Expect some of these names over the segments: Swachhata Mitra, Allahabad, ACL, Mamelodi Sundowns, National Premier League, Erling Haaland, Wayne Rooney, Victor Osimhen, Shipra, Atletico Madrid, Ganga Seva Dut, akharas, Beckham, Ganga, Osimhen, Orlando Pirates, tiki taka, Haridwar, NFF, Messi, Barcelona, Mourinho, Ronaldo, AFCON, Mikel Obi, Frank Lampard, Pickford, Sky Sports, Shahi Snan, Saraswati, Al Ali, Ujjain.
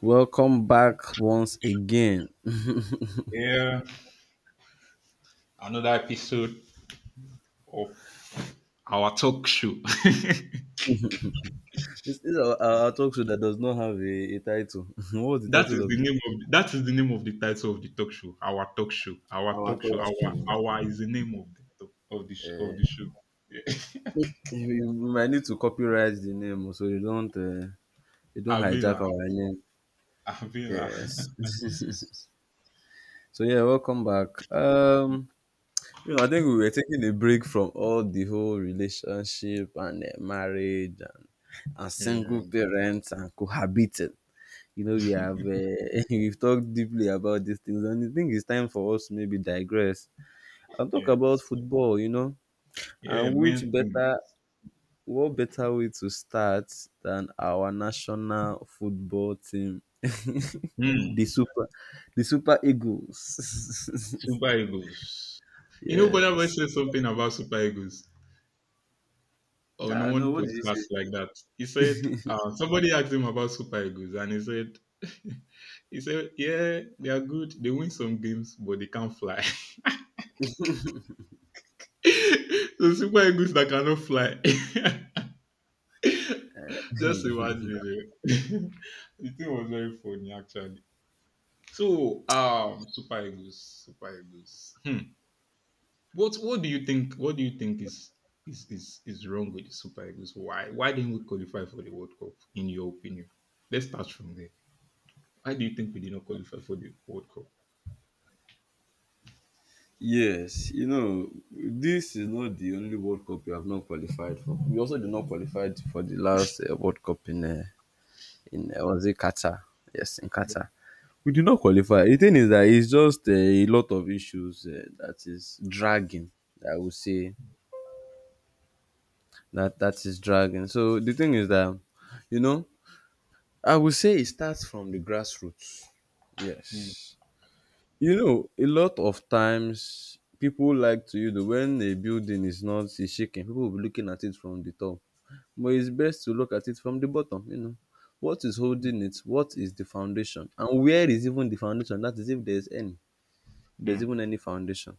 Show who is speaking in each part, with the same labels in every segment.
Speaker 1: Welcome back once again.
Speaker 2: Yeah, another episode of our talk show.
Speaker 1: This is our talk show that does not have a title. What's the
Speaker 2: that is
Speaker 1: title of
Speaker 2: the
Speaker 1: it?
Speaker 2: name of that is the name of the title of the talk show. Our talk show. Our
Speaker 1: Our
Speaker 2: talk show. Our is the name of the show. Yeah.
Speaker 1: You might need to copyright the name oh, so you don't
Speaker 2: Abila,
Speaker 1: hijack our name.
Speaker 2: Abila.
Speaker 1: Yes. Welcome back. I think we were taking a break from all the whole relationship and marriage and single
Speaker 2: Yeah,
Speaker 1: parents and cohabiting. You know, we have we've talked deeply about these things, and I think it's time for us to maybe digress and talk about
Speaker 2: yes.
Speaker 1: football, you know.
Speaker 2: Yeah,
Speaker 1: And which
Speaker 2: man.
Speaker 1: better What better way to start than our national football team, the
Speaker 2: Hmm.
Speaker 1: super the Super Eagles.
Speaker 2: Super Eagles. You know, Bonner Boy
Speaker 1: Yes.
Speaker 2: said something about Super Eagles on
Speaker 1: Ah, no,
Speaker 2: one
Speaker 1: what did
Speaker 2: podcast
Speaker 1: you
Speaker 2: like that. He said somebody asked him about Super Eagles, and he said he said yeah, they are good. They win some games, but they can't fly. So Super Eagles that cannot fly. Just
Speaker 1: say?
Speaker 2: imagine it. The thing was very funny actually. So Super Eagles, Super Eagles. Hmm. What do you think? What do you think is wrong with the Super Eagles? Why didn't we qualify for the World Cup? In your opinion, let's start from there. Why do you think we did not qualify for the World Cup?
Speaker 1: Yes, you know, this is not the only World Cup we have not qualified for. We also did not qualify for the last World Cup in was it Qatar? Yes, in Qatar. We did not qualify. The thing is that it's just a lot of issues that is dragging. I would say that is dragging. So the thing is that, you know, I would say it starts from the grassroots.
Speaker 2: Mm,
Speaker 1: Yes. You know, a lot of times people like to, you know, when a building is not is shaking, people will be looking at it from the top. But it's best to look at it from the bottom, you know. What is holding it? What is the foundation? And where is even the foundation? That is if there's any. There's
Speaker 2: mm,
Speaker 1: even any foundation.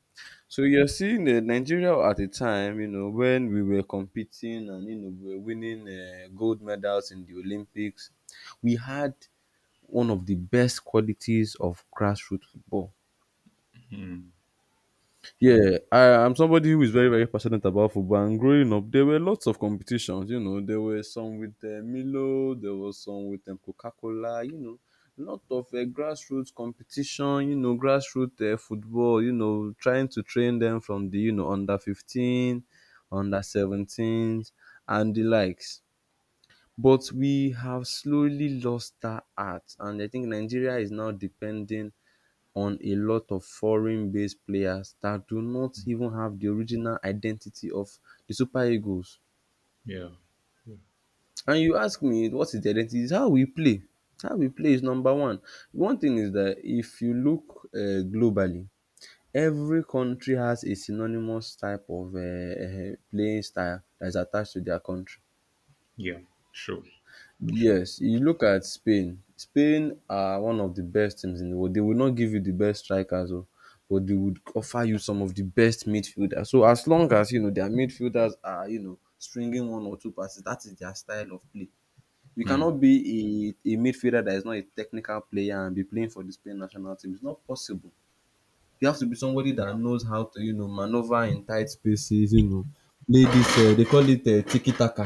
Speaker 1: So you're seeing Nigeria at a time, you know, when we were competing and, you know, we were winning gold medals in the Olympics, we had one of the best qualities of grassroots football.
Speaker 2: mm,
Speaker 1: Yeah,
Speaker 2: mm.
Speaker 1: I'm somebody who is very, very passionate about football. And growing up, there were lots of competitions. You know, there were some with Milo, there was some with Coca Cola. You know, lot of grassroots competition. You know, grassroots football. You know, trying to train them from the, you know, under 15, under 17s, and the likes. But we have slowly lost that art, and I think Nigeria is now depending on a lot of foreign-based players that do not even have the original identity of the Super Eagles.
Speaker 2: Yeah, yeah,
Speaker 1: And you ask me, what is the identity? It's how we play. How we play is number one. One thing is that if you look globally, every country has a synonymous type of playing style that is attached to their country.
Speaker 2: yeah. Sure, sure.
Speaker 1: Yes, you look at Spain. Spain are one of the best teams in the world. They will not give you the best strikers, oh, but they would offer you some of the best midfielders. So as long as, you know, their midfielders are, you know, stringing one or two passes, that is their style of play. You
Speaker 2: Mm.
Speaker 1: cannot be a midfielder that is not a technical player and be playing for the Spain national team. It's not possible. You have to be somebody that
Speaker 2: Yeah,
Speaker 1: knows how to, you know, maneuver in tight spaces. You know, play this. They call it tiki taka.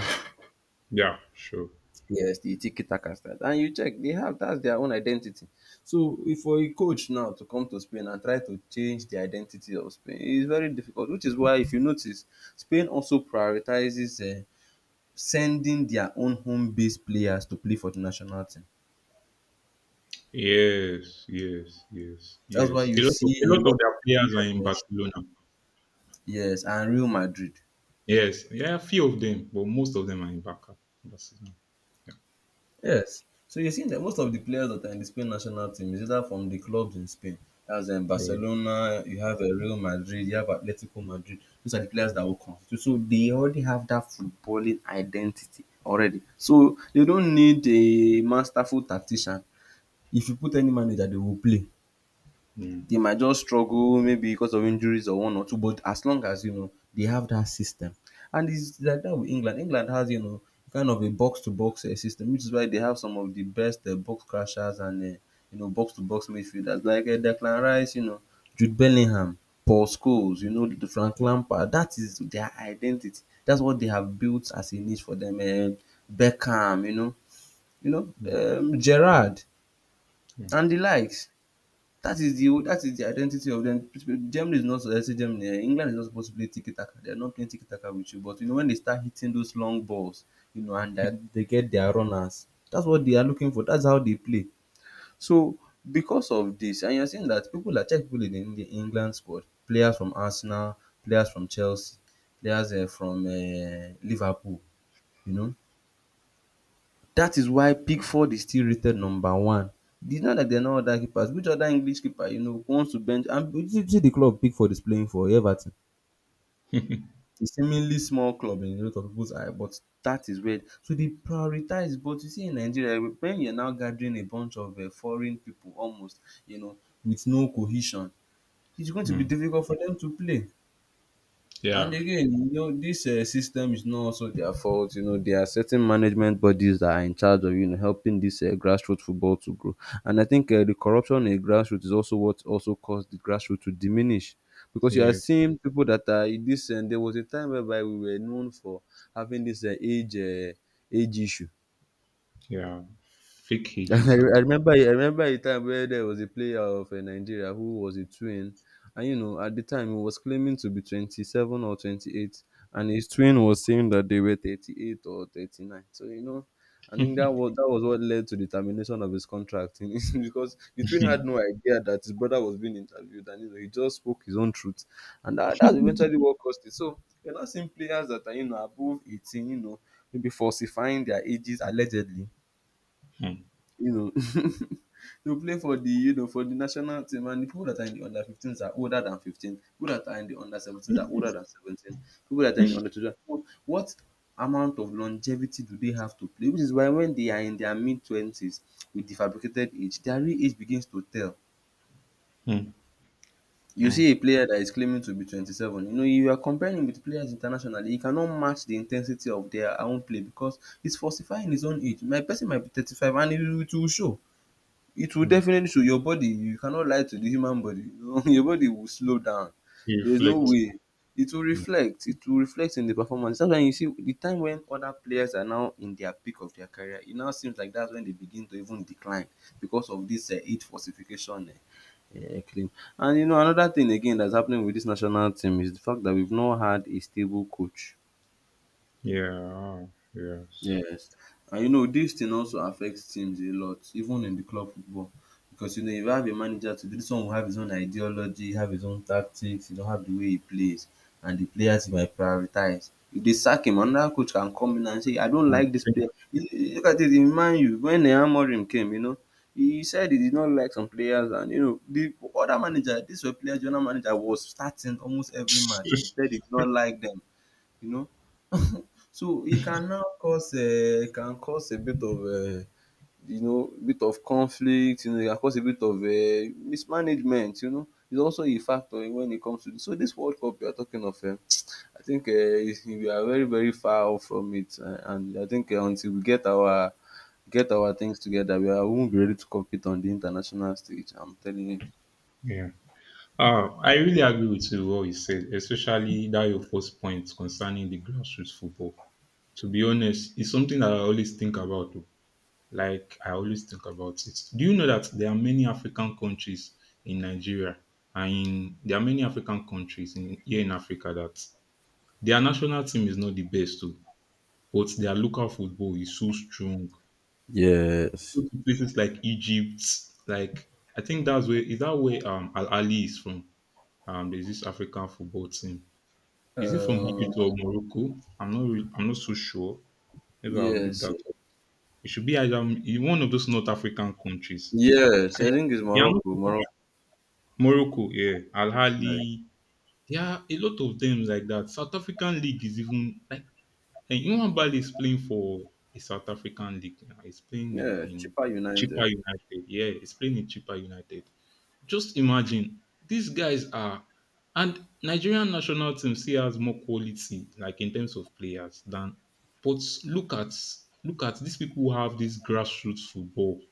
Speaker 2: yeah, sure.
Speaker 1: Yes, the tiki takas that, and you check they have that's their own identity. So if for a coach now to come to Spain and try to change the identity of Spain, it's very difficult, which is why, if you notice, Spain also prioritizes sending their own home based players to play for the national team.
Speaker 2: Yes, yes, yes,
Speaker 1: That's why
Speaker 2: yes.
Speaker 1: you
Speaker 2: A lot of a
Speaker 1: see a
Speaker 2: lot
Speaker 1: lot
Speaker 2: of their players are in
Speaker 1: yes,
Speaker 2: Barcelona.
Speaker 1: yes, and Real Madrid.
Speaker 2: Yes, yeah, a few of them, but most of them are in Barca, Barcelona. Yeah,
Speaker 1: Yes. So you see that most of the players that are in the Spain national team is either from the clubs in Spain. As in
Speaker 2: yeah,
Speaker 1: Barcelona, you have Real Madrid, you have Atletico Madrid. Those are the players
Speaker 2: yeah,
Speaker 1: that will constitute. So they already have that footballing identity already. So they don't need a masterful tactician. If you put any manager, they will play.
Speaker 2: yeah,
Speaker 1: They might just struggle maybe because of injuries or one or two, but as long as, you know, they have that system, and it's like that with England. England has, you know, kind of a box to box system, which is why they have some of the best box crashers and you know, box to box midfielders like Declan Rice, you know, Jude Bellingham, Paul Scholes, you know, the Frank Lampard. That is their identity. That's what they have built as a niche for them. Beckham,
Speaker 2: yeah.
Speaker 1: Gerrard
Speaker 2: Yeah.
Speaker 1: and the likes. That is the identity of them. Germany is not, let's say Germany. England is not supposed to play tiki taka. They are not playing tiki taka with you. But, you know, when they start hitting those long balls, you know, and they get their runners. That's what they are looking for. That's how they play. So because of this, and you're seeing that people are check people in the England squad, players from Arsenal, players from Chelsea, players from Liverpool. You know, that is why Pickford is still rated number one. It's not like there are no other keepers. Which other English keeper, you know, wants to bench, and you see the club Pickford is playing for, Everton. It's a seemingly small club in a lot of people's eye, but that is where, so they prioritize. But you see, in Nigeria, when you're now gathering a bunch of foreign people almost, you know, with no cohesion, it's going to be
Speaker 2: Mm.
Speaker 1: difficult for them to play. And
Speaker 2: Yeah,
Speaker 1: again, you know, this system is not also their fault. You know, there are certain management bodies that are in charge of, you know, helping this grassroots football to grow. And I think the corruption in grassroots is also what also caused the grassroots to diminish. Because you are
Speaker 2: yes,
Speaker 1: seeing people that are in this, and there was a time whereby we were known for having this age age issue.
Speaker 2: yeah. Fake
Speaker 1: I
Speaker 2: ages and.
Speaker 1: I remember, I remember a time where there was a player of Nigeria who was a twin, and, you know, at the time he was claiming to be 27 or 28, and his twin was saying that they were 38 or 39. So, you know, I think that was what led to the termination of his contract because the twin had no idea that his brother was being interviewed, and, you know, he just spoke his own truth, and that's eventually what caused it. So you're not seeing players that are, you know, above 18, you know, maybe falsifying their ages allegedly,
Speaker 2: Mm,
Speaker 1: you know, to play for the, you know, for the national team. And the people that are in the under 15s are older than 15, people that are in the under 17s are older than 17, people that are in the under 20. What amount of longevity do they have to play? Which is why, when they are in their mid-20s with the fabricated age, their real age begins to tell.
Speaker 2: mm,
Speaker 1: You
Speaker 2: mm,
Speaker 1: see a player that is claiming to be 27, you know, you are comparing him with players internationally. He cannot match the intensity of their own play because he's falsifying his own age. My person might be 35, and it will show. It will
Speaker 2: mm.
Speaker 1: definitely show. Your body, you cannot lie to the human body. Your body will slow down.
Speaker 2: To
Speaker 1: There's no
Speaker 2: reflect.
Speaker 1: way. It will
Speaker 2: Mm.
Speaker 1: reflect. It will reflect in the performance. That's why you see the time when other players are now in their peak of their career, it now seems like that's when they begin to even decline because of this heat falsification claim. And, you know, another thing again that's happening with this national team is the fact that we've not had a stable coach.
Speaker 2: Yeah, oh, yes.
Speaker 1: Yes. And, you know, this thing also affects teams a lot, even in the club football. Because, you know, if you have a manager to this one will have his own ideology, have his own tactics, you know, have the way he plays, and the players he might prioritize. If they sack him, another coach can come in and say, I don't
Speaker 2: And
Speaker 1: like this player. You- you Look at it in Man U, when Amorim came, you know, he said he did not like some players, and, you know, the other manager, this were player, general manager was starting almost every match. He said he
Speaker 2: think-
Speaker 1: did not like them, you know. So it can now cause it can cause a bit of you know, bit of conflict, you know, it can cause a bit of mismanagement, you know. It's also a factor when it comes to this. So this World Cup you are talking of, I think we are very far off from it, and I think, until we get our things together, we won't be ready to compete on the international stage, I'm telling you.
Speaker 2: yeah. I really agree with you what you said, especially that your first point concerning the grassroots football. To be honest, it's something that I always think about, oh. Like, I always think about it. Do you know that there are many African countries in Nigeria and in, there are many African countries in here in Africa that their national team is not the best too, but their local football is so strong? Go
Speaker 1: Yes.
Speaker 2: to places like Egypt. Like, I think that's where, is that where Al Ali is from? There's this African football team. Is it from
Speaker 1: Um
Speaker 2: Egypt or Morocco? I'm not really, I'm not so sure. Maybe I'll look
Speaker 1: yes.
Speaker 2: that up. It should be either in one of those North African countries.
Speaker 1: Yes,
Speaker 2: I-
Speaker 1: I think it's
Speaker 2: They are not
Speaker 1: Morocco.
Speaker 2: Morocco, yeah. Al
Speaker 1: Yeah,
Speaker 2: Ali. There are a lot of them like that. South African league is even like, and Iwan Bali is playing for a South African league now. He's playing in,
Speaker 1: yeah, Chippa
Speaker 2: Chippa
Speaker 1: United.
Speaker 2: United. Yeah, he's playing in Chippa United. Just imagine these guys are, and Nigerian national team still has more quality, like in terms of players, than. But look at, look at these people who have this grassroots football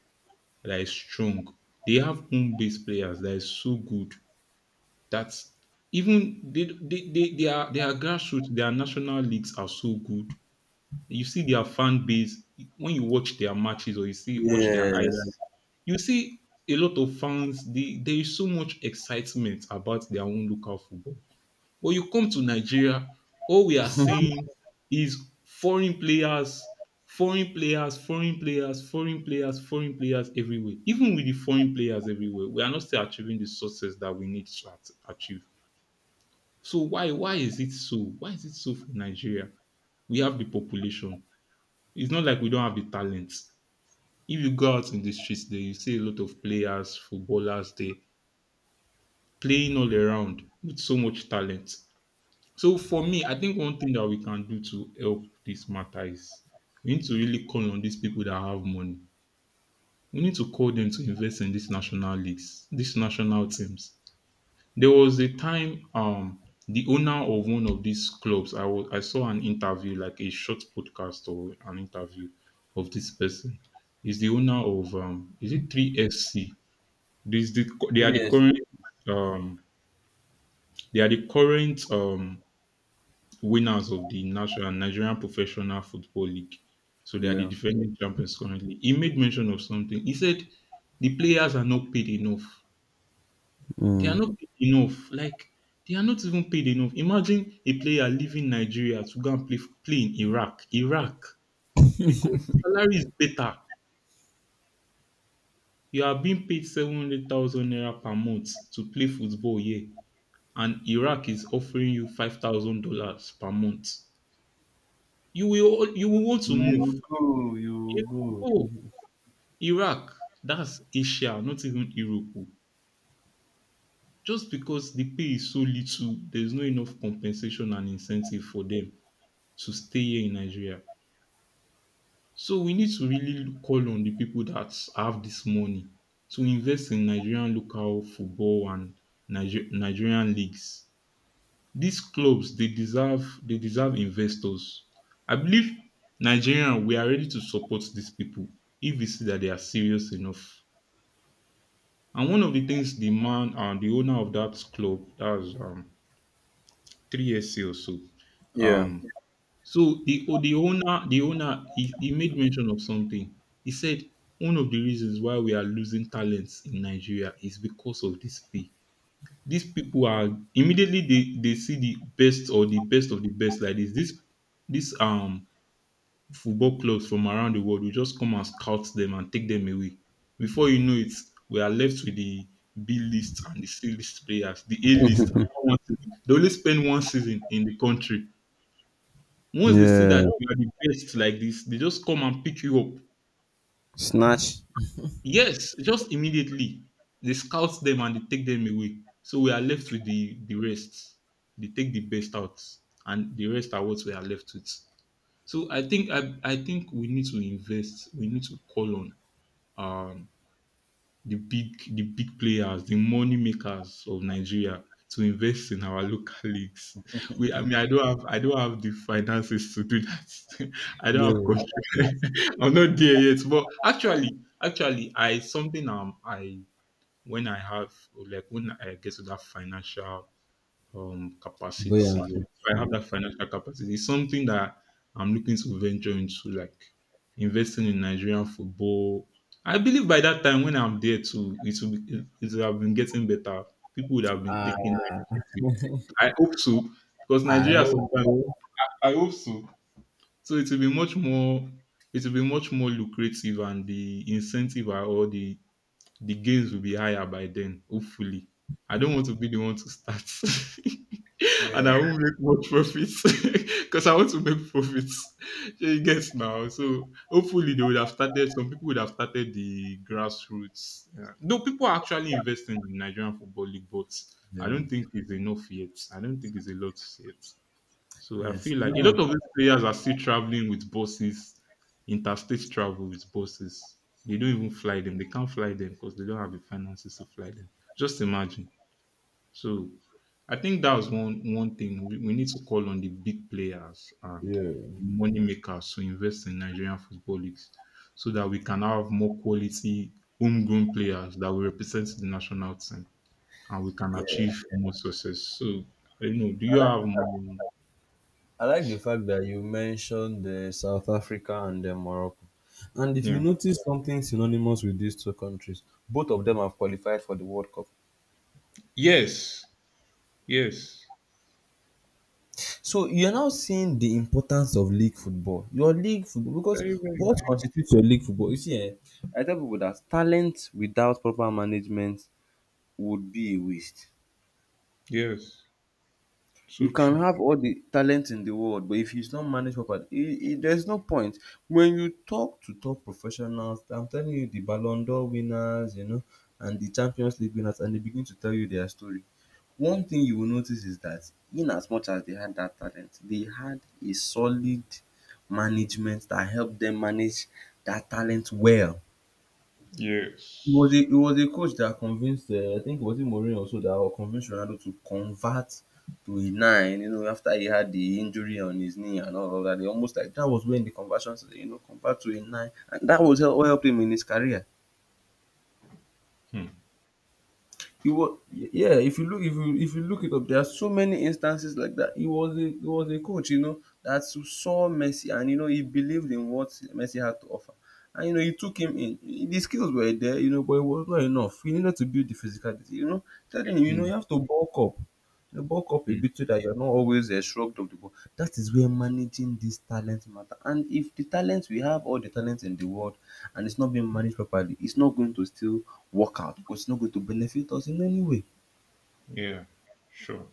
Speaker 2: that is strong. They have home-based players that is so good that even they are grassroots. Their national leagues are so good. You see their fan base when you watch their matches or you see, watch their highlights.
Speaker 1: Yes.
Speaker 2: You see, a lot of fans, they, there is so much excitement about their own local football. But you come to Nigeria, all we are seeing is foreign players, foreign players, foreign players, foreign players, foreign players everywhere. Even with the foreign players everywhere, we are not still achieving the success that we need to achieve. So why is it so? Why is it so for Nigeria? We have the population. It's not like we don't have the talent. If you go out in the streets there, you see a lot of players, footballers there, playing all around with so much talent. So for me, I think one thing that we can do to help this matter is we need to really call on these people that have money. We need to call them to invest in these national leagues, these national teams. There was a time the owner of one of these clubs, I saw an interview, like a short podcast or an interview of this person. Is the owner of is it 3SC? They are
Speaker 1: Maybe
Speaker 2: the
Speaker 1: yes.
Speaker 2: current um they are the current um winners of the national Nigerian Professional Football League. So they are the
Speaker 1: Yeah.
Speaker 2: defending champions currently. He made mention of something. He said the players are not paid enough. They are
Speaker 1: Mm.
Speaker 2: not paid enough. Like, they are not even paid enough. Imagine a player leaving Nigeria to go and play in Iraq. Iraq, because the salary is better. You are being paid 700,000 naira per month to play football here, and Iraq is offering you $5,000 per month. You will want to move.
Speaker 1: You go,
Speaker 2: You
Speaker 1: you go.
Speaker 2: will go. Iraq, that's Asia, not even Europe. Just because the pay is so little, there's no enough compensation and incentive for them to stay here in Nigeria. So we need to really call on the people that have this money to invest in Nigerian local football and Nigerian leagues. These clubs, they deserve, they deserve investors. I believe Nigeria, we are ready to support these people if we see that they are serious enough. And one of the things the man and the owner of that club, that's 3SC or so,
Speaker 1: Yeah.
Speaker 2: um, the owner, he made mention of something. He said one of the reasons why we are losing talents in Nigeria is because of this pay. These people are, immediately they see the best or the best of the best like this. This football clubs from around the world will just come and scout them and take them away. Before you know it, we are left with the B list and the C list players, the A list, after one season. They only spend one season in the country. Once they see that
Speaker 1: Yeah.
Speaker 2: you are the best like this, they just come and pick you up.
Speaker 1: Snatch.
Speaker 2: Yes, just immediately. They scout them and they take them away. So we are left with the rest. They take the best out, and the rest are what we are left with. So I think we need to invest. We need to call on um, the big players, the money makers of Nigeria to invest in our local leagues. We, I mean, I don't have the finances to do that. I don't have
Speaker 1: Yes.
Speaker 2: control. I'm not there yet. But actually, actually, I something I when I have, like, when I get to that financial
Speaker 1: Yes,
Speaker 2: capacity, or if I have
Speaker 1: yes.
Speaker 2: that financial capacity. It's something that I'm looking to venture into, like investing in Nigerian football. I believe by that time when I'm there too, it will have been getting better. People would have been
Speaker 1: I,
Speaker 2: taking that initiative. I hope so, because
Speaker 1: I
Speaker 2: Nigeria
Speaker 1: hope
Speaker 2: sometimes.
Speaker 1: so.
Speaker 2: I hope so. So it will be much more. It will be much more lucrative, and the incentive, or the gains will be higher by then. Hopefully, I don't want to be the one to start.
Speaker 1: Yeah.
Speaker 2: And I won't make much profits because I want to make profits. So you get now. So hopefully they would have started. Some people would have started the grassroots. Yeah. Though people are actually investing in Nigerian football league, but I
Speaker 1: Yeah.
Speaker 2: don't think it's enough yet. I don't think it's a lot yet. So I
Speaker 1: Yes.
Speaker 2: feel
Speaker 1: You
Speaker 2: like a
Speaker 1: know.
Speaker 2: lot of these players are still traveling with buses, interstate travel with buses. They don't even fly them. They can't fly them because they don't have the finances to fly them. Just imagine. So I think that was one thing, we need to call on the big players and
Speaker 1: Yeah.
Speaker 2: money makers to invest in Nigerian football leagues so that we can have more quality homegrown players that will represent the national team and we can
Speaker 1: Yeah.
Speaker 2: achieve more success. So I don't know. Do
Speaker 1: I
Speaker 2: you
Speaker 1: like,
Speaker 2: have more?
Speaker 1: I like the fact that you mentioned the South Africa and the Morocco. And if you
Speaker 2: Yeah.
Speaker 1: notice something synonymous with these two countries, both of them have qualified for the World Cup.
Speaker 2: Yes. Yes.
Speaker 1: So you're now seeing the importance of league football. Your league football because
Speaker 2: Very, very
Speaker 1: what
Speaker 2: true.
Speaker 1: constitutes your league football? You see, eh, I tell people that talent without proper management would be a waste.
Speaker 2: Yes.
Speaker 1: You
Speaker 2: So
Speaker 1: can
Speaker 2: true.
Speaker 1: have all the talent in the world, but if it's not managed properly, there's no point. When you talk to top professionals, I'm telling you, the Ballon d'Or winners, you know, and the Champions League winners, and they begin to tell you their story. One thing you will notice is that in as much as they had that talent, they had a solid management that helped them manage that talent well. It was
Speaker 2: Yes.
Speaker 1: a it was a coach that convinced, I think it was it Mourinho also that or convinced Ronaldo to convert to a nine, you know, after he had the injury on his knee and all of that. They almost like that was when the conversion, you know, convert to a nine, and that was what helped him in his career.
Speaker 2: Hmm.
Speaker 1: He was yeah. If you look, if you look it up, there are so many instances like that. He was a coach, you know, that saw Messi, and you know he believed in what Messi had to offer, and you know he took him in. The skills were there, you know, but it was not enough. He needed to build the physicality, you know. Telling him, you know,
Speaker 2: Hmm.
Speaker 1: you have to bulk up, you know, bulk up a
Speaker 2: Hmm.
Speaker 1: bit so that you're not always, shrugged of the ball. That is where managing this talent matter. And if the talent we have all the talent in the world and it's not being managed properly, it's not going to still work out because it's not going to benefit us in any way.
Speaker 2: Yeah. Sure.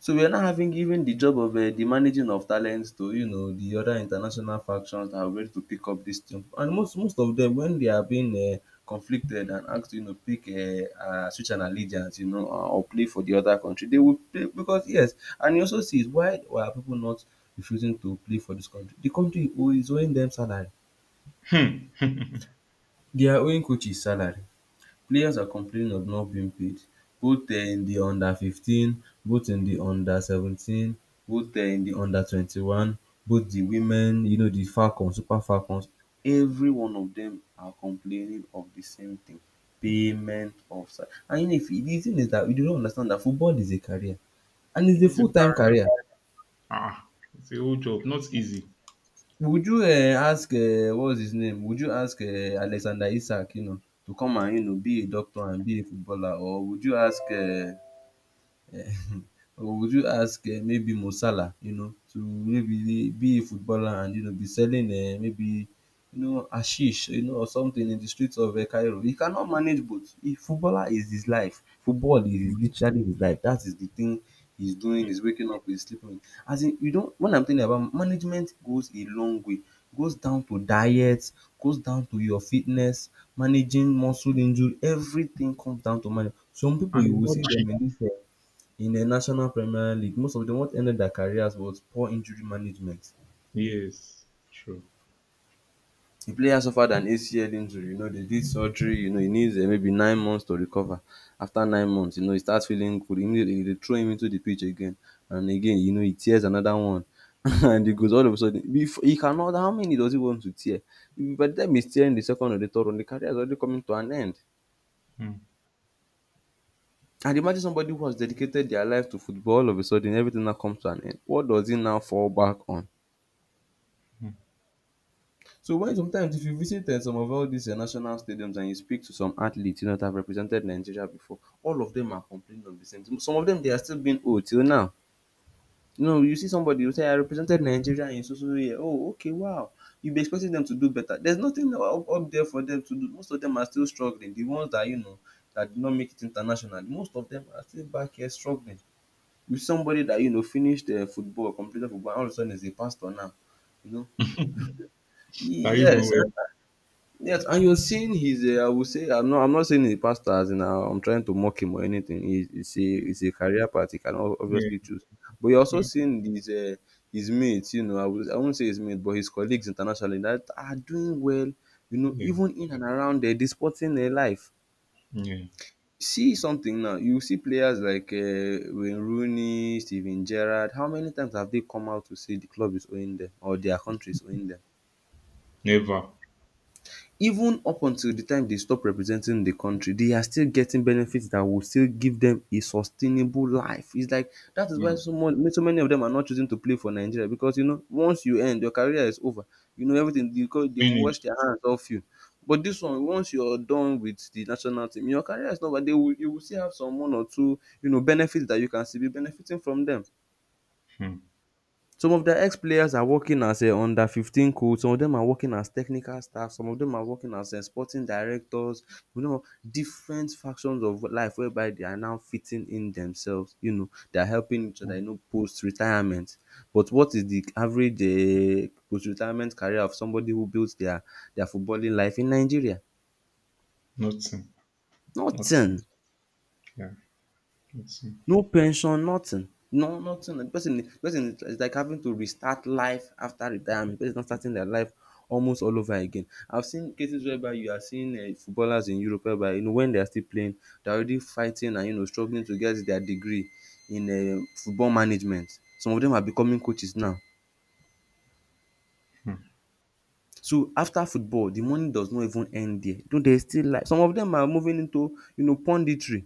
Speaker 1: So we are now having given the job of, the managing of talents to, you know, the other international factions that are ready to pick up this thing. And most of them when they are being, conflicted and asked to, you know, pick, switch an allegiance, you know, or play for the other country, they will play because yes. And you also see is why are people not refusing to play for this country? The country is owing them salary,
Speaker 2: Hmm.
Speaker 1: they are owing coaches salary. Players are complaining of not being paid, both in the under-15, both in the under-17, both in the under-21, both the women, you know, the Falcons, Super Falcons, every one of them are complaining of the same thing, payment of sal. And you know if the thing is that we do not understand that football is a career, and it's a
Speaker 2: It's a,
Speaker 1: full-time career.
Speaker 2: ah, it's a whole job, not easy,
Speaker 1: Would you ask, what's his name, would you ask, Alexander Isak, you know, to come and, you know, be a doctor and be a footballer? Or would you ask, or would you ask, maybe Mo Salah, you know, to maybe be a footballer and, you know, be selling, maybe, you know, hashish, you know, or something in the streets of, Cairo? He cannot manage both. He footballer is his life. Football is his, literally his life. That is the thing he's doing,
Speaker 2: yeah,
Speaker 1: he's waking up, he's sleeping. As in, you don't, when I'm telling about management goes a long way. Goes down to diet, goes down to your fitness, managing muscle injury, everything comes down to manage. Some people
Speaker 2: and
Speaker 1: you
Speaker 2: it's
Speaker 1: will
Speaker 2: not
Speaker 1: see
Speaker 2: cheap.
Speaker 1: them in this, in the National Premier League, most of them what ended their careers was poor injury management.
Speaker 2: Yes, true.
Speaker 1: The player suffered an ACL injury, you know they did surgery, you know he needs, maybe 9 months to recover. After 9 months, you know he starts feeling good. Immediately, they throw him into the pitch again, and again, you know he tears another one and he goes all of a sudden. He cannot, how many does he want to tear? By the time he's tearing the second or the third one, the career is already coming to an end.
Speaker 2: Mm,
Speaker 1: And imagine somebody who has dedicated their life to football, all of a sudden everything now comes to an end. What does he now fall back on?
Speaker 2: mm.
Speaker 1: So why sometimes if you visit, some of all these, national stadiums, and you speak to some athletes, you know, that have represented Nigeria before, all of them are complaining of the same thing. Some of them they are still being old till now. You know you see somebody, you say I represented Nigeria in so so so year, oh okay wow. You be expecting them to do better. There's nothing up there for them to do. Most of them are still struggling. The ones that you know that did not make it international, most of them are still back here struggling. With somebody that you know finished, football, completed football, and all of a sudden is a pastor now. You know.
Speaker 2: That you go
Speaker 1: Yes.
Speaker 2: well.
Speaker 1: Yes, and you're seeing his, I would say, I'm not saying he's a pastor as in, I'm trying to mock him or anything.
Speaker 2: Mm,
Speaker 1: He's a career path he can
Speaker 2: yeah,
Speaker 1: obviously choose. But you're also
Speaker 2: yeah,
Speaker 1: seeing his mates, you know, I won't say his mates, but his colleagues internationally that are doing well, you know,
Speaker 2: yeah,
Speaker 1: even in and around, the sporting, life.
Speaker 2: yeah.
Speaker 1: See something now. You see players like, Wayne Rooney, Steven Gerrard. How many times have they come out to say the club is owing them or their country is owing them?
Speaker 2: Never.
Speaker 1: Even up until the time they stop representing the country, they are still getting benefits that will still give them a sustainable life. It's like that is why
Speaker 2: Mm.
Speaker 1: so much so many of them are not choosing to play for Nigeria because you know once you end, your career is over, you know everything because they
Speaker 2: Finish.
Speaker 1: wash their hands off you. But this one, once you're done with the national team your career is over, they will you will still have some one or two, you know, benefits that you can still be benefiting from them.
Speaker 2: Mm,
Speaker 1: Some of their ex-players are working as a under-under-15 coach, some of them are working as technical staff, some of them are working as a sporting directors, you know, different factions of life whereby they are now fitting in themselves, you know, they are helping each other,
Speaker 2: mm.
Speaker 1: you know, post-retirement. But what is the average, post-retirement career of somebody who built their footballing life in Nigeria?
Speaker 2: Nothing. Nothing.
Speaker 1: Nothing.
Speaker 2: Yeah, nothing.
Speaker 1: No pension, nothing. No, nothing. The person is like having to restart life after retirement. The person is not starting their life almost all over again. I've seen cases whereby you are seeing, footballers in Europe whereby you know when they are still playing, they're already fighting and you know struggling to get their degree in, football management. Some of them are becoming coaches now.
Speaker 2: Mm.
Speaker 1: So after football, the money does not even end there. Though there is still life. Some of them are moving into, you know, punditry.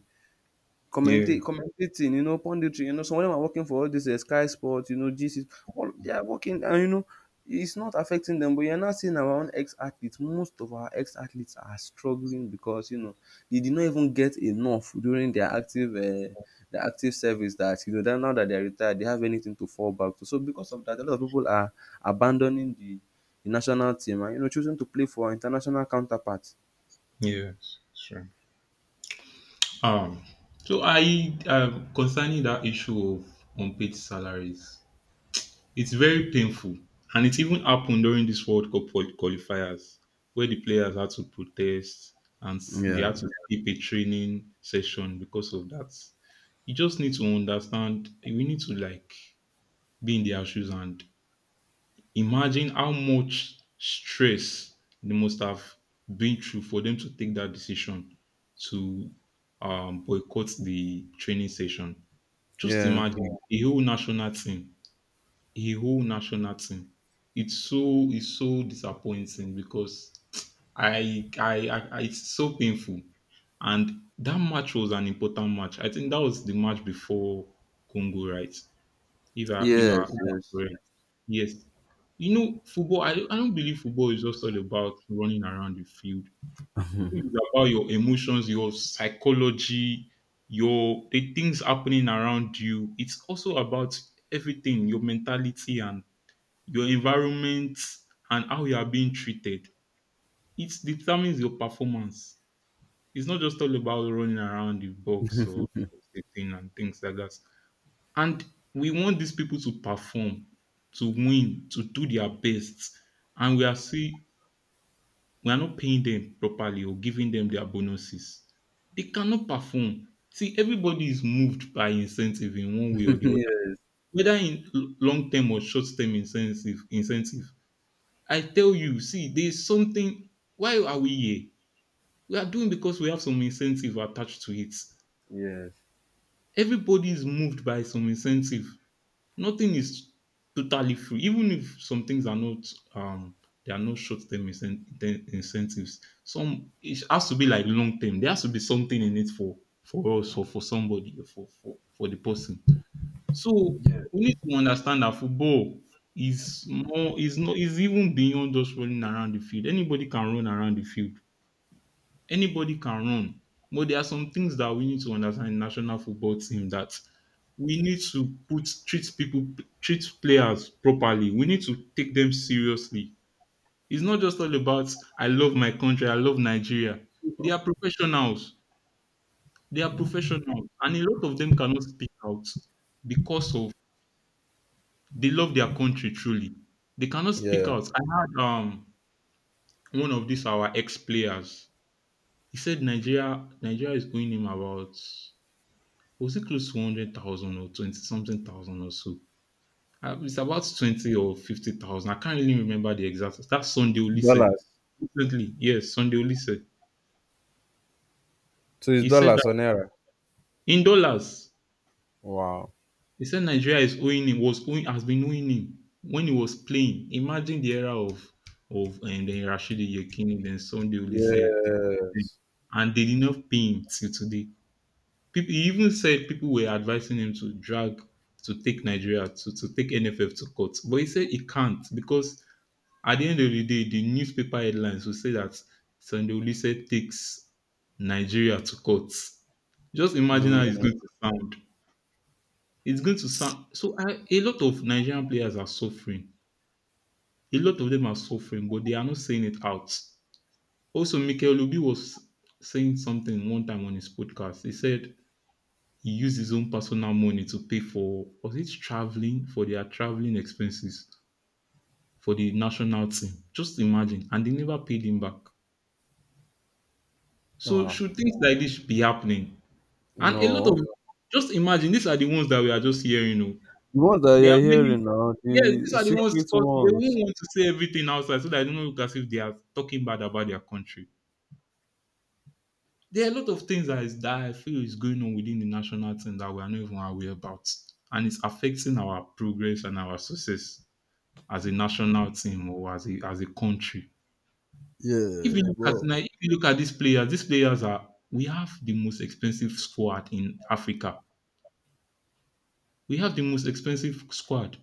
Speaker 2: Yeah,
Speaker 1: Commentating, you know, punditry, you know, some of them are working for all this, Sky Sports, you know, GC, all they are working, and you know, it's not affecting them. But you're not seeing our own ex athletes. Most of our ex athletes are struggling because you know they did not even get enough during their active. The active service that you know that now that they're retired they have anything to fall back to. So because of that a lot of people are abandoning the national team and you know choosing to play for international counterparts.
Speaker 2: yes, sure. Um, so I concerning that issue of unpaid salaries. It's very painful, and it even happened during this World Cup qualifiers where the players had to protest and they
Speaker 1: Yeah.
Speaker 2: had to skip a training session because of that. You just need to understand, we need to, like, be in their shoes and imagine how much stress they must have been through for them to take that decision to boycott the training session. Just
Speaker 1: Yeah.
Speaker 2: imagine a whole national team, a whole national team. It's so it's so disappointing because it's so painful. And that match was an important match. I think that was the match before Congo, right? If I if I
Speaker 1: Yes.
Speaker 2: if I'm
Speaker 1: Yes.
Speaker 2: correct. Yes. You know, football, I don't believe football is just all about running around the field. It's about your emotions, your psychology, your the things happening around you. It's also about everything, your mentality and your environment and how you are being treated. It determines your performance. It's not just all about running around the box or sitting and things like that. And we want these people to perform, to win, to do their best. And we are not paying them properly or giving them their bonuses. They cannot perform. See, everybody is moved by incentive in one way or the other,
Speaker 1: Yes.
Speaker 2: whether in long term or short term incentive. Incentive I tell you, see, there's something. Why are we here? We are doing because we have some incentive attached to it.
Speaker 1: Yes.
Speaker 2: Everybody is moved by some incentive. Nothing is totally free, even if some things are not. Um, they are not incentives. Some it has to be like long-term. There has to be something in it for us or for somebody or for the person, so we need to understand that football is more is not is even beyond just running around the field. Anybody can run around the field. Anybody can run. But there are some things that we need to understand in national football team, that we need to put treat people treat players properly. We need to take them seriously. It's not just all about I love my country, I love Nigeria. They are professionals. They are professionals, and a lot of them cannot speak out because of They love their country truly. They cannot speak
Speaker 1: Yeah.
Speaker 2: out. I had one of these our ex players. He said Nigeria is going him about, was it close to 100,000 or twenty something thousand or so. It's about 20 or 50,000. I can't really remember the exact. That's Sunday Olise
Speaker 1: Dollars.
Speaker 2: recently. Yes, Sunday Olise.
Speaker 1: So it's
Speaker 2: He said
Speaker 1: dollars
Speaker 2: that
Speaker 1: or naira.
Speaker 2: in dollars.
Speaker 1: Wow.
Speaker 2: He said Nigeria is owing him, was owing, has been owing him when he was playing. Imagine the era of and then Rashidi Yekini, then Sunday Olise,
Speaker 1: Yes.
Speaker 2: and they did not pay him till today. People, he even said people were advising him to drag to take NFF to court, but he said he can't because at the end of the day, the newspaper headlines will say that Sunday Olise takes Nigeria to court. Just imagine how it's
Speaker 1: Mm.
Speaker 2: going to sound. It's going to sound so I, a lot of Nigerian players are suffering. A lot of them are suffering, but they are not saying it out. Also, Mikel Obi was saying something one time on his podcast. He said he used his own personal money to pay for was it traveling for their traveling expenses for the national team. Just imagine, and they never paid him back. So
Speaker 1: Wow.
Speaker 2: should things like this be happening? And a lot of
Speaker 1: No.
Speaker 2: just imagine, these are the ones that we are just hearing.
Speaker 1: The ones that
Speaker 2: There
Speaker 1: you're
Speaker 2: are many
Speaker 1: hearing now,
Speaker 2: Yes, these
Speaker 1: the
Speaker 2: are the ones
Speaker 1: secret
Speaker 2: because they won't
Speaker 1: ones.
Speaker 2: want to say everything outside so that they don't look as if they are talking bad about their country. There are a lot of things that is that I feel is going on within the national team that we are not even aware about. And it's affecting our progress and our success as a national team or as a country. If you look at
Speaker 1: Well.
Speaker 2: now, if you look at these players are we have the most expensive squad in Africa. We have the most expensive squad.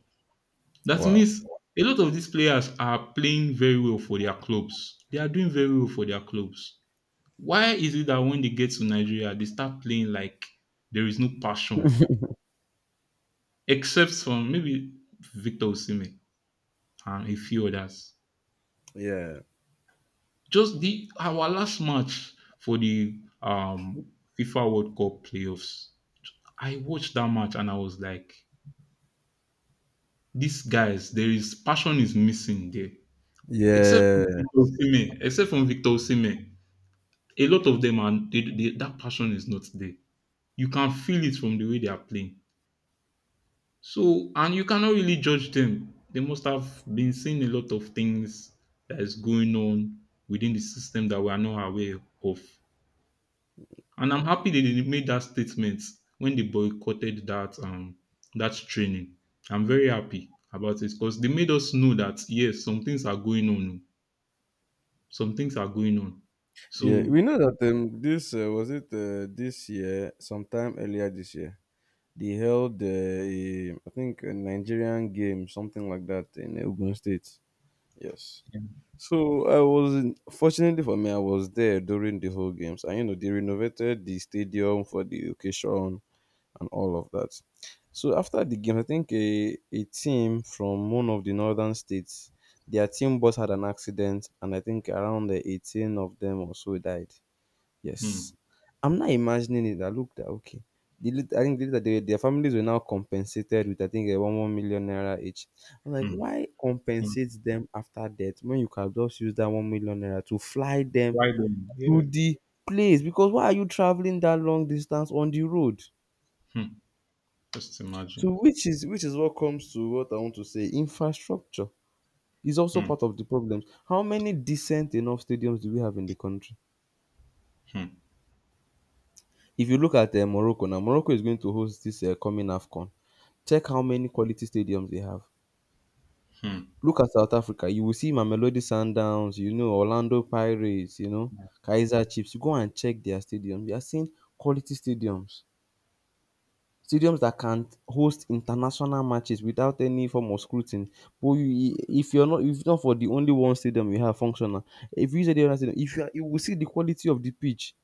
Speaker 2: That
Speaker 1: Wow.
Speaker 2: means a lot of these players are playing very well for their clubs. They are doing very well for their clubs. Why is it that when they get to Nigeria, they start playing like there is no passion, except from maybe Victor Osimhen and a few others.
Speaker 1: Yeah.
Speaker 2: Just the our last match for the FIFA World Cup playoffs. I watched that match and I was like, these guys, there is passion is missing there, except
Speaker 1: Yeah.
Speaker 2: from Victor Osimhen, except from Victor Osimhen. A lot of them are that passion is not there. You can feel it from the way they are playing. So and you cannot really judge them. They must have been seeing a lot of things that is going on within the system that we are not aware of. And I'm happy they didn't made that statement when they boycotted that that training. I'm very happy about it because they made us know that yes, some things are going on. Oh. Some things are going on.
Speaker 1: Yeah.
Speaker 2: So
Speaker 1: We know that, this, was it, this year, sometime earlier this year. They held a, I think a Nigerian game, something like that, in Ogun State. Yes. So I was in, fortunately for me, I was there during the whole games, and you know they renovated the stadium for the occasion and all of that. So after the game, I think a team from one of the northern states, their team bus had an accident, and I think around the 18 of them or so died. Yes.
Speaker 2: hmm,
Speaker 1: I'm not imagining it. I looked at okay. I think the later they, their families were now compensated with I think a one million naira each. I'm like,
Speaker 2: hmm,
Speaker 1: why
Speaker 2: hmm.
Speaker 1: compensate them after death when you can just use that 1 million naira to fly them
Speaker 2: Right on. Yeah.
Speaker 1: to the place? Because why are you traveling that long distance on the road?
Speaker 2: Hmm. Just
Speaker 1: So
Speaker 2: imagine.
Speaker 1: which is what comes to what I want to say. Infrastructure is also
Speaker 2: Hmm,
Speaker 1: part of the problems. How many decent enough stadiums do we have in the country?
Speaker 2: hmm,
Speaker 1: If you look at Morocco now, Morocco is going to host this coming AFCON. Check how many quality stadiums they have.
Speaker 2: hmm,
Speaker 1: Look at South Africa, you will see Mamelodi Sundowns, you know, Orlando Pirates, you know, Kaiser Chiefs. You Go and check their stadiums. You are seeing quality stadiums. Stadiums that can host international matches without any form of scrutiny. But you if you're not if not for the only one stadium you have functional, if you use any other stadium, if you are you will see the quality of the pitch.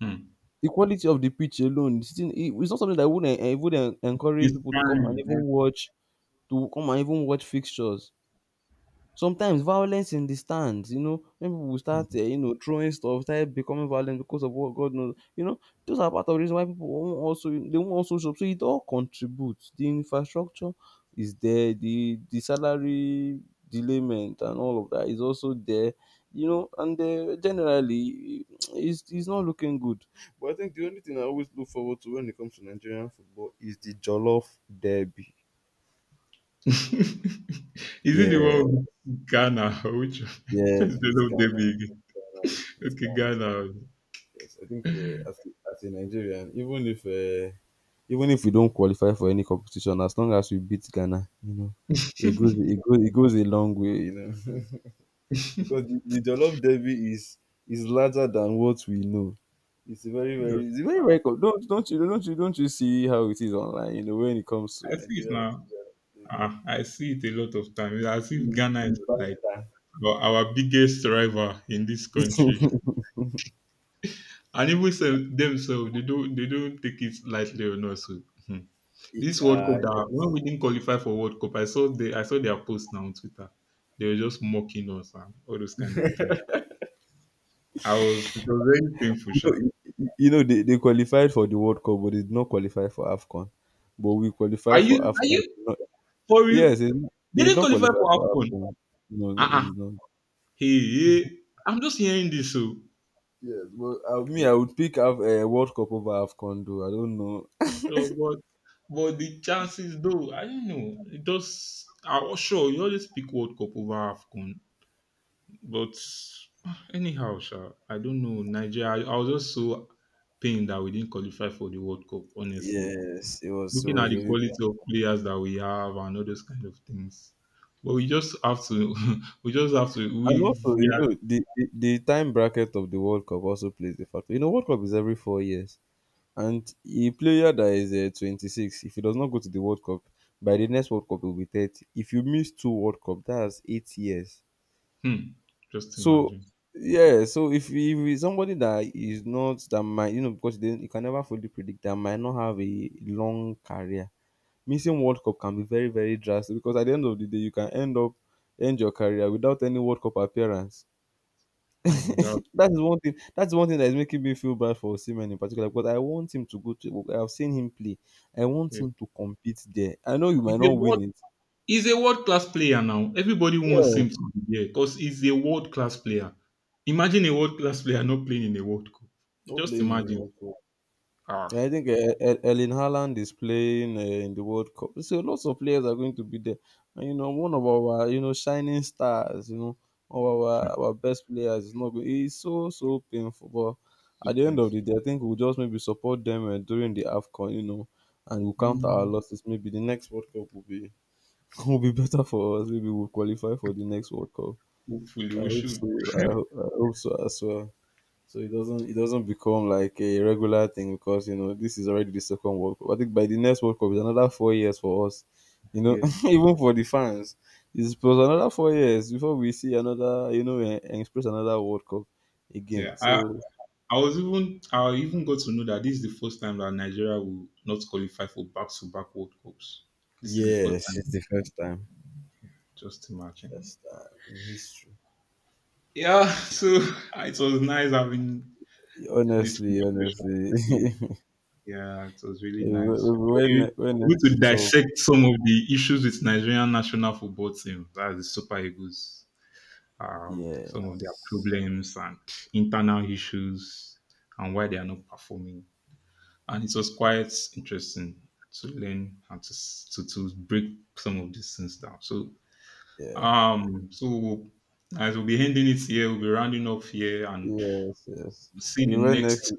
Speaker 2: hmm.
Speaker 1: The quality of the pitch alone, sitting I it's not something that would e would encourage
Speaker 2: It's
Speaker 1: people to come and
Speaker 2: fine.
Speaker 1: even watch to come and even watch fixtures. Sometimes violence in the stands, you know, when people will start, you know, throwing stuff, start becoming violent because of what God knows. You know, those are part of the reason why people won't also they won't also shop. So it all contributes. The infrastructure is there, the salary delayment and all of that is also there, you know, and generally it's not looking good. But I think the only thing I always look forward to when it comes to Nigerian football is the Jollof Derby.
Speaker 2: Is
Speaker 1: Yeah,
Speaker 2: it the one with Ghana or which one?
Speaker 1: yes,
Speaker 2: They
Speaker 1: with
Speaker 2: love the
Speaker 1: Ghana.
Speaker 2: big?
Speaker 1: With
Speaker 2: Okay,
Speaker 1: Ghana.
Speaker 2: Ghana.
Speaker 1: Yes, I think as a Nigerian, even if we don't qualify for any competition, as long as we beat Ghana, you know, it goes a long way, you know, because the Jollof Derby is larger than what we know.
Speaker 2: Yes.
Speaker 1: It's a very very don't you see how it is online, you know, when it comes to
Speaker 2: I see it
Speaker 1: Nigeria versus
Speaker 2: now.
Speaker 1: Ghana.
Speaker 2: Ah, I see it a lot of times. As if Ghana is
Speaker 1: The
Speaker 2: like
Speaker 1: banter.
Speaker 2: our biggest rival in this country. And even so, themselves, they don't take it lightly or not. So hmm. this World Cup
Speaker 1: You
Speaker 2: that when we didn't qualify for World Cup, I saw their post now on Twitter. They were just mocking us and all those kind of things. I was It was very painful, sha.
Speaker 1: know, you know they qualified for the World Cup, but they did not qualify for AFCON. But we
Speaker 2: Are
Speaker 1: qualified
Speaker 2: you
Speaker 1: for
Speaker 2: are
Speaker 1: AFCON.
Speaker 2: you for real?
Speaker 1: Yes, they
Speaker 2: They
Speaker 1: did
Speaker 2: didn't
Speaker 1: not
Speaker 2: qualify
Speaker 1: qualify
Speaker 2: for
Speaker 1: for
Speaker 2: AFCON.
Speaker 1: AFCON. No, no, they
Speaker 2: Uh-uh.
Speaker 1: did not.
Speaker 2: Hey, hey, I'm just hearing this so
Speaker 1: Yes, but me, I would pick World Cup over AFCON, though. I don't know.
Speaker 2: so, but the chances though, I don't know. It does I was sure you always pick World Cup over AFCON. But anyhow, sha, I don't know. Nigeria, I was just so pained that we didn't qualify for the World Cup, honestly.
Speaker 1: Yes, it
Speaker 2: Looking at
Speaker 1: was
Speaker 2: the
Speaker 1: really
Speaker 2: quality of
Speaker 1: tough.
Speaker 2: players that we have and all those kind of things. But we just have to, we just have to,
Speaker 1: And also,
Speaker 2: we
Speaker 1: you
Speaker 2: are,
Speaker 1: know, the time bracket of the World Cup also plays a factor. You know, World Cup is every 4 years. And a player that is 26, if he does not go to the World Cup, by the next World Cup, he will be 30. If you miss two World Cup, that's 8 years.
Speaker 2: hmm, just
Speaker 1: So
Speaker 2: imagine.
Speaker 1: yeah, so if it's somebody that is not that might you know because then you can never fully predict that might not have a long career. Missing World Cup can be very very drastic because at the end of the day you can end your career without any World Cup appearance.
Speaker 2: Hmm, that,
Speaker 1: That is one thing. That's one thing that is making me feel bad for Osimhen in particular because I want him to go to. I've seen him play. I want
Speaker 2: yeah.
Speaker 1: him to compete there. I know you might
Speaker 2: He's a
Speaker 1: not
Speaker 2: world,
Speaker 1: win it.
Speaker 2: he's a world class player now. Everybody wants
Speaker 1: Yes,
Speaker 2: him to be there because he's a world class player. Imagine a world class player not playing in a World Cup.
Speaker 1: not
Speaker 2: Just
Speaker 1: playing in the
Speaker 2: imagine.
Speaker 1: World Cup. Yeah,
Speaker 2: Ah,
Speaker 1: I think Erling Haaland is playing in the World Cup. So lots of players are going to be there, and you know one of our you know shining stars, you know one of our best players is not going. It's so so painful, but
Speaker 2: so
Speaker 1: at the end
Speaker 2: painful.
Speaker 1: of the day, I think we'll just maybe support them during the Afcon, you know, and we'll count our
Speaker 2: Hmm.
Speaker 1: losses. Maybe the next World Cup will be will be better for us. Maybe we'll qualify for the next World Cup.
Speaker 2: Hopefully,
Speaker 1: I
Speaker 2: we
Speaker 1: hope
Speaker 2: should.
Speaker 1: so. I hope so as well. So it doesn't become like a regular thing because you know this is already the second World Cup. I think by the next World Cup is another 4 years for us. You know,
Speaker 2: Yeah.
Speaker 1: even for the fans, it's plus another 4 years before we see another you know and express another World Cup again.
Speaker 2: Yeah,
Speaker 1: So
Speaker 2: I was even I even got to know that this is the first time that Nigeria will not qualify for back to back World Cups. This is the first
Speaker 1: yes, it's
Speaker 2: time.
Speaker 1: the
Speaker 2: Just imagine.
Speaker 1: first time in history.
Speaker 2: Yeah, so it was nice having this
Speaker 1: Honestly,
Speaker 2: conversation
Speaker 1: honestly,
Speaker 2: with you. Yeah, it was really nice.
Speaker 1: when
Speaker 2: We
Speaker 1: when when
Speaker 2: were able
Speaker 1: we
Speaker 2: to
Speaker 1: talk,
Speaker 2: dissect some of the issues with Nigerian national football team. That's the Super Eagles. Some of their
Speaker 1: yes,
Speaker 2: problems and internal issues and why they are not performing, and it was quite interesting to learn how to s- to break some of these things down. So
Speaker 1: yeah.
Speaker 2: so as we'll be ending it here, we'll be rounding up here and
Speaker 1: Yes, yes.
Speaker 2: we'll see you the
Speaker 1: When next,
Speaker 2: next.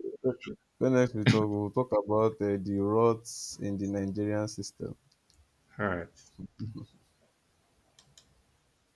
Speaker 1: when next we talk, we'll talk about the rots in the Nigerian system.
Speaker 2: All right.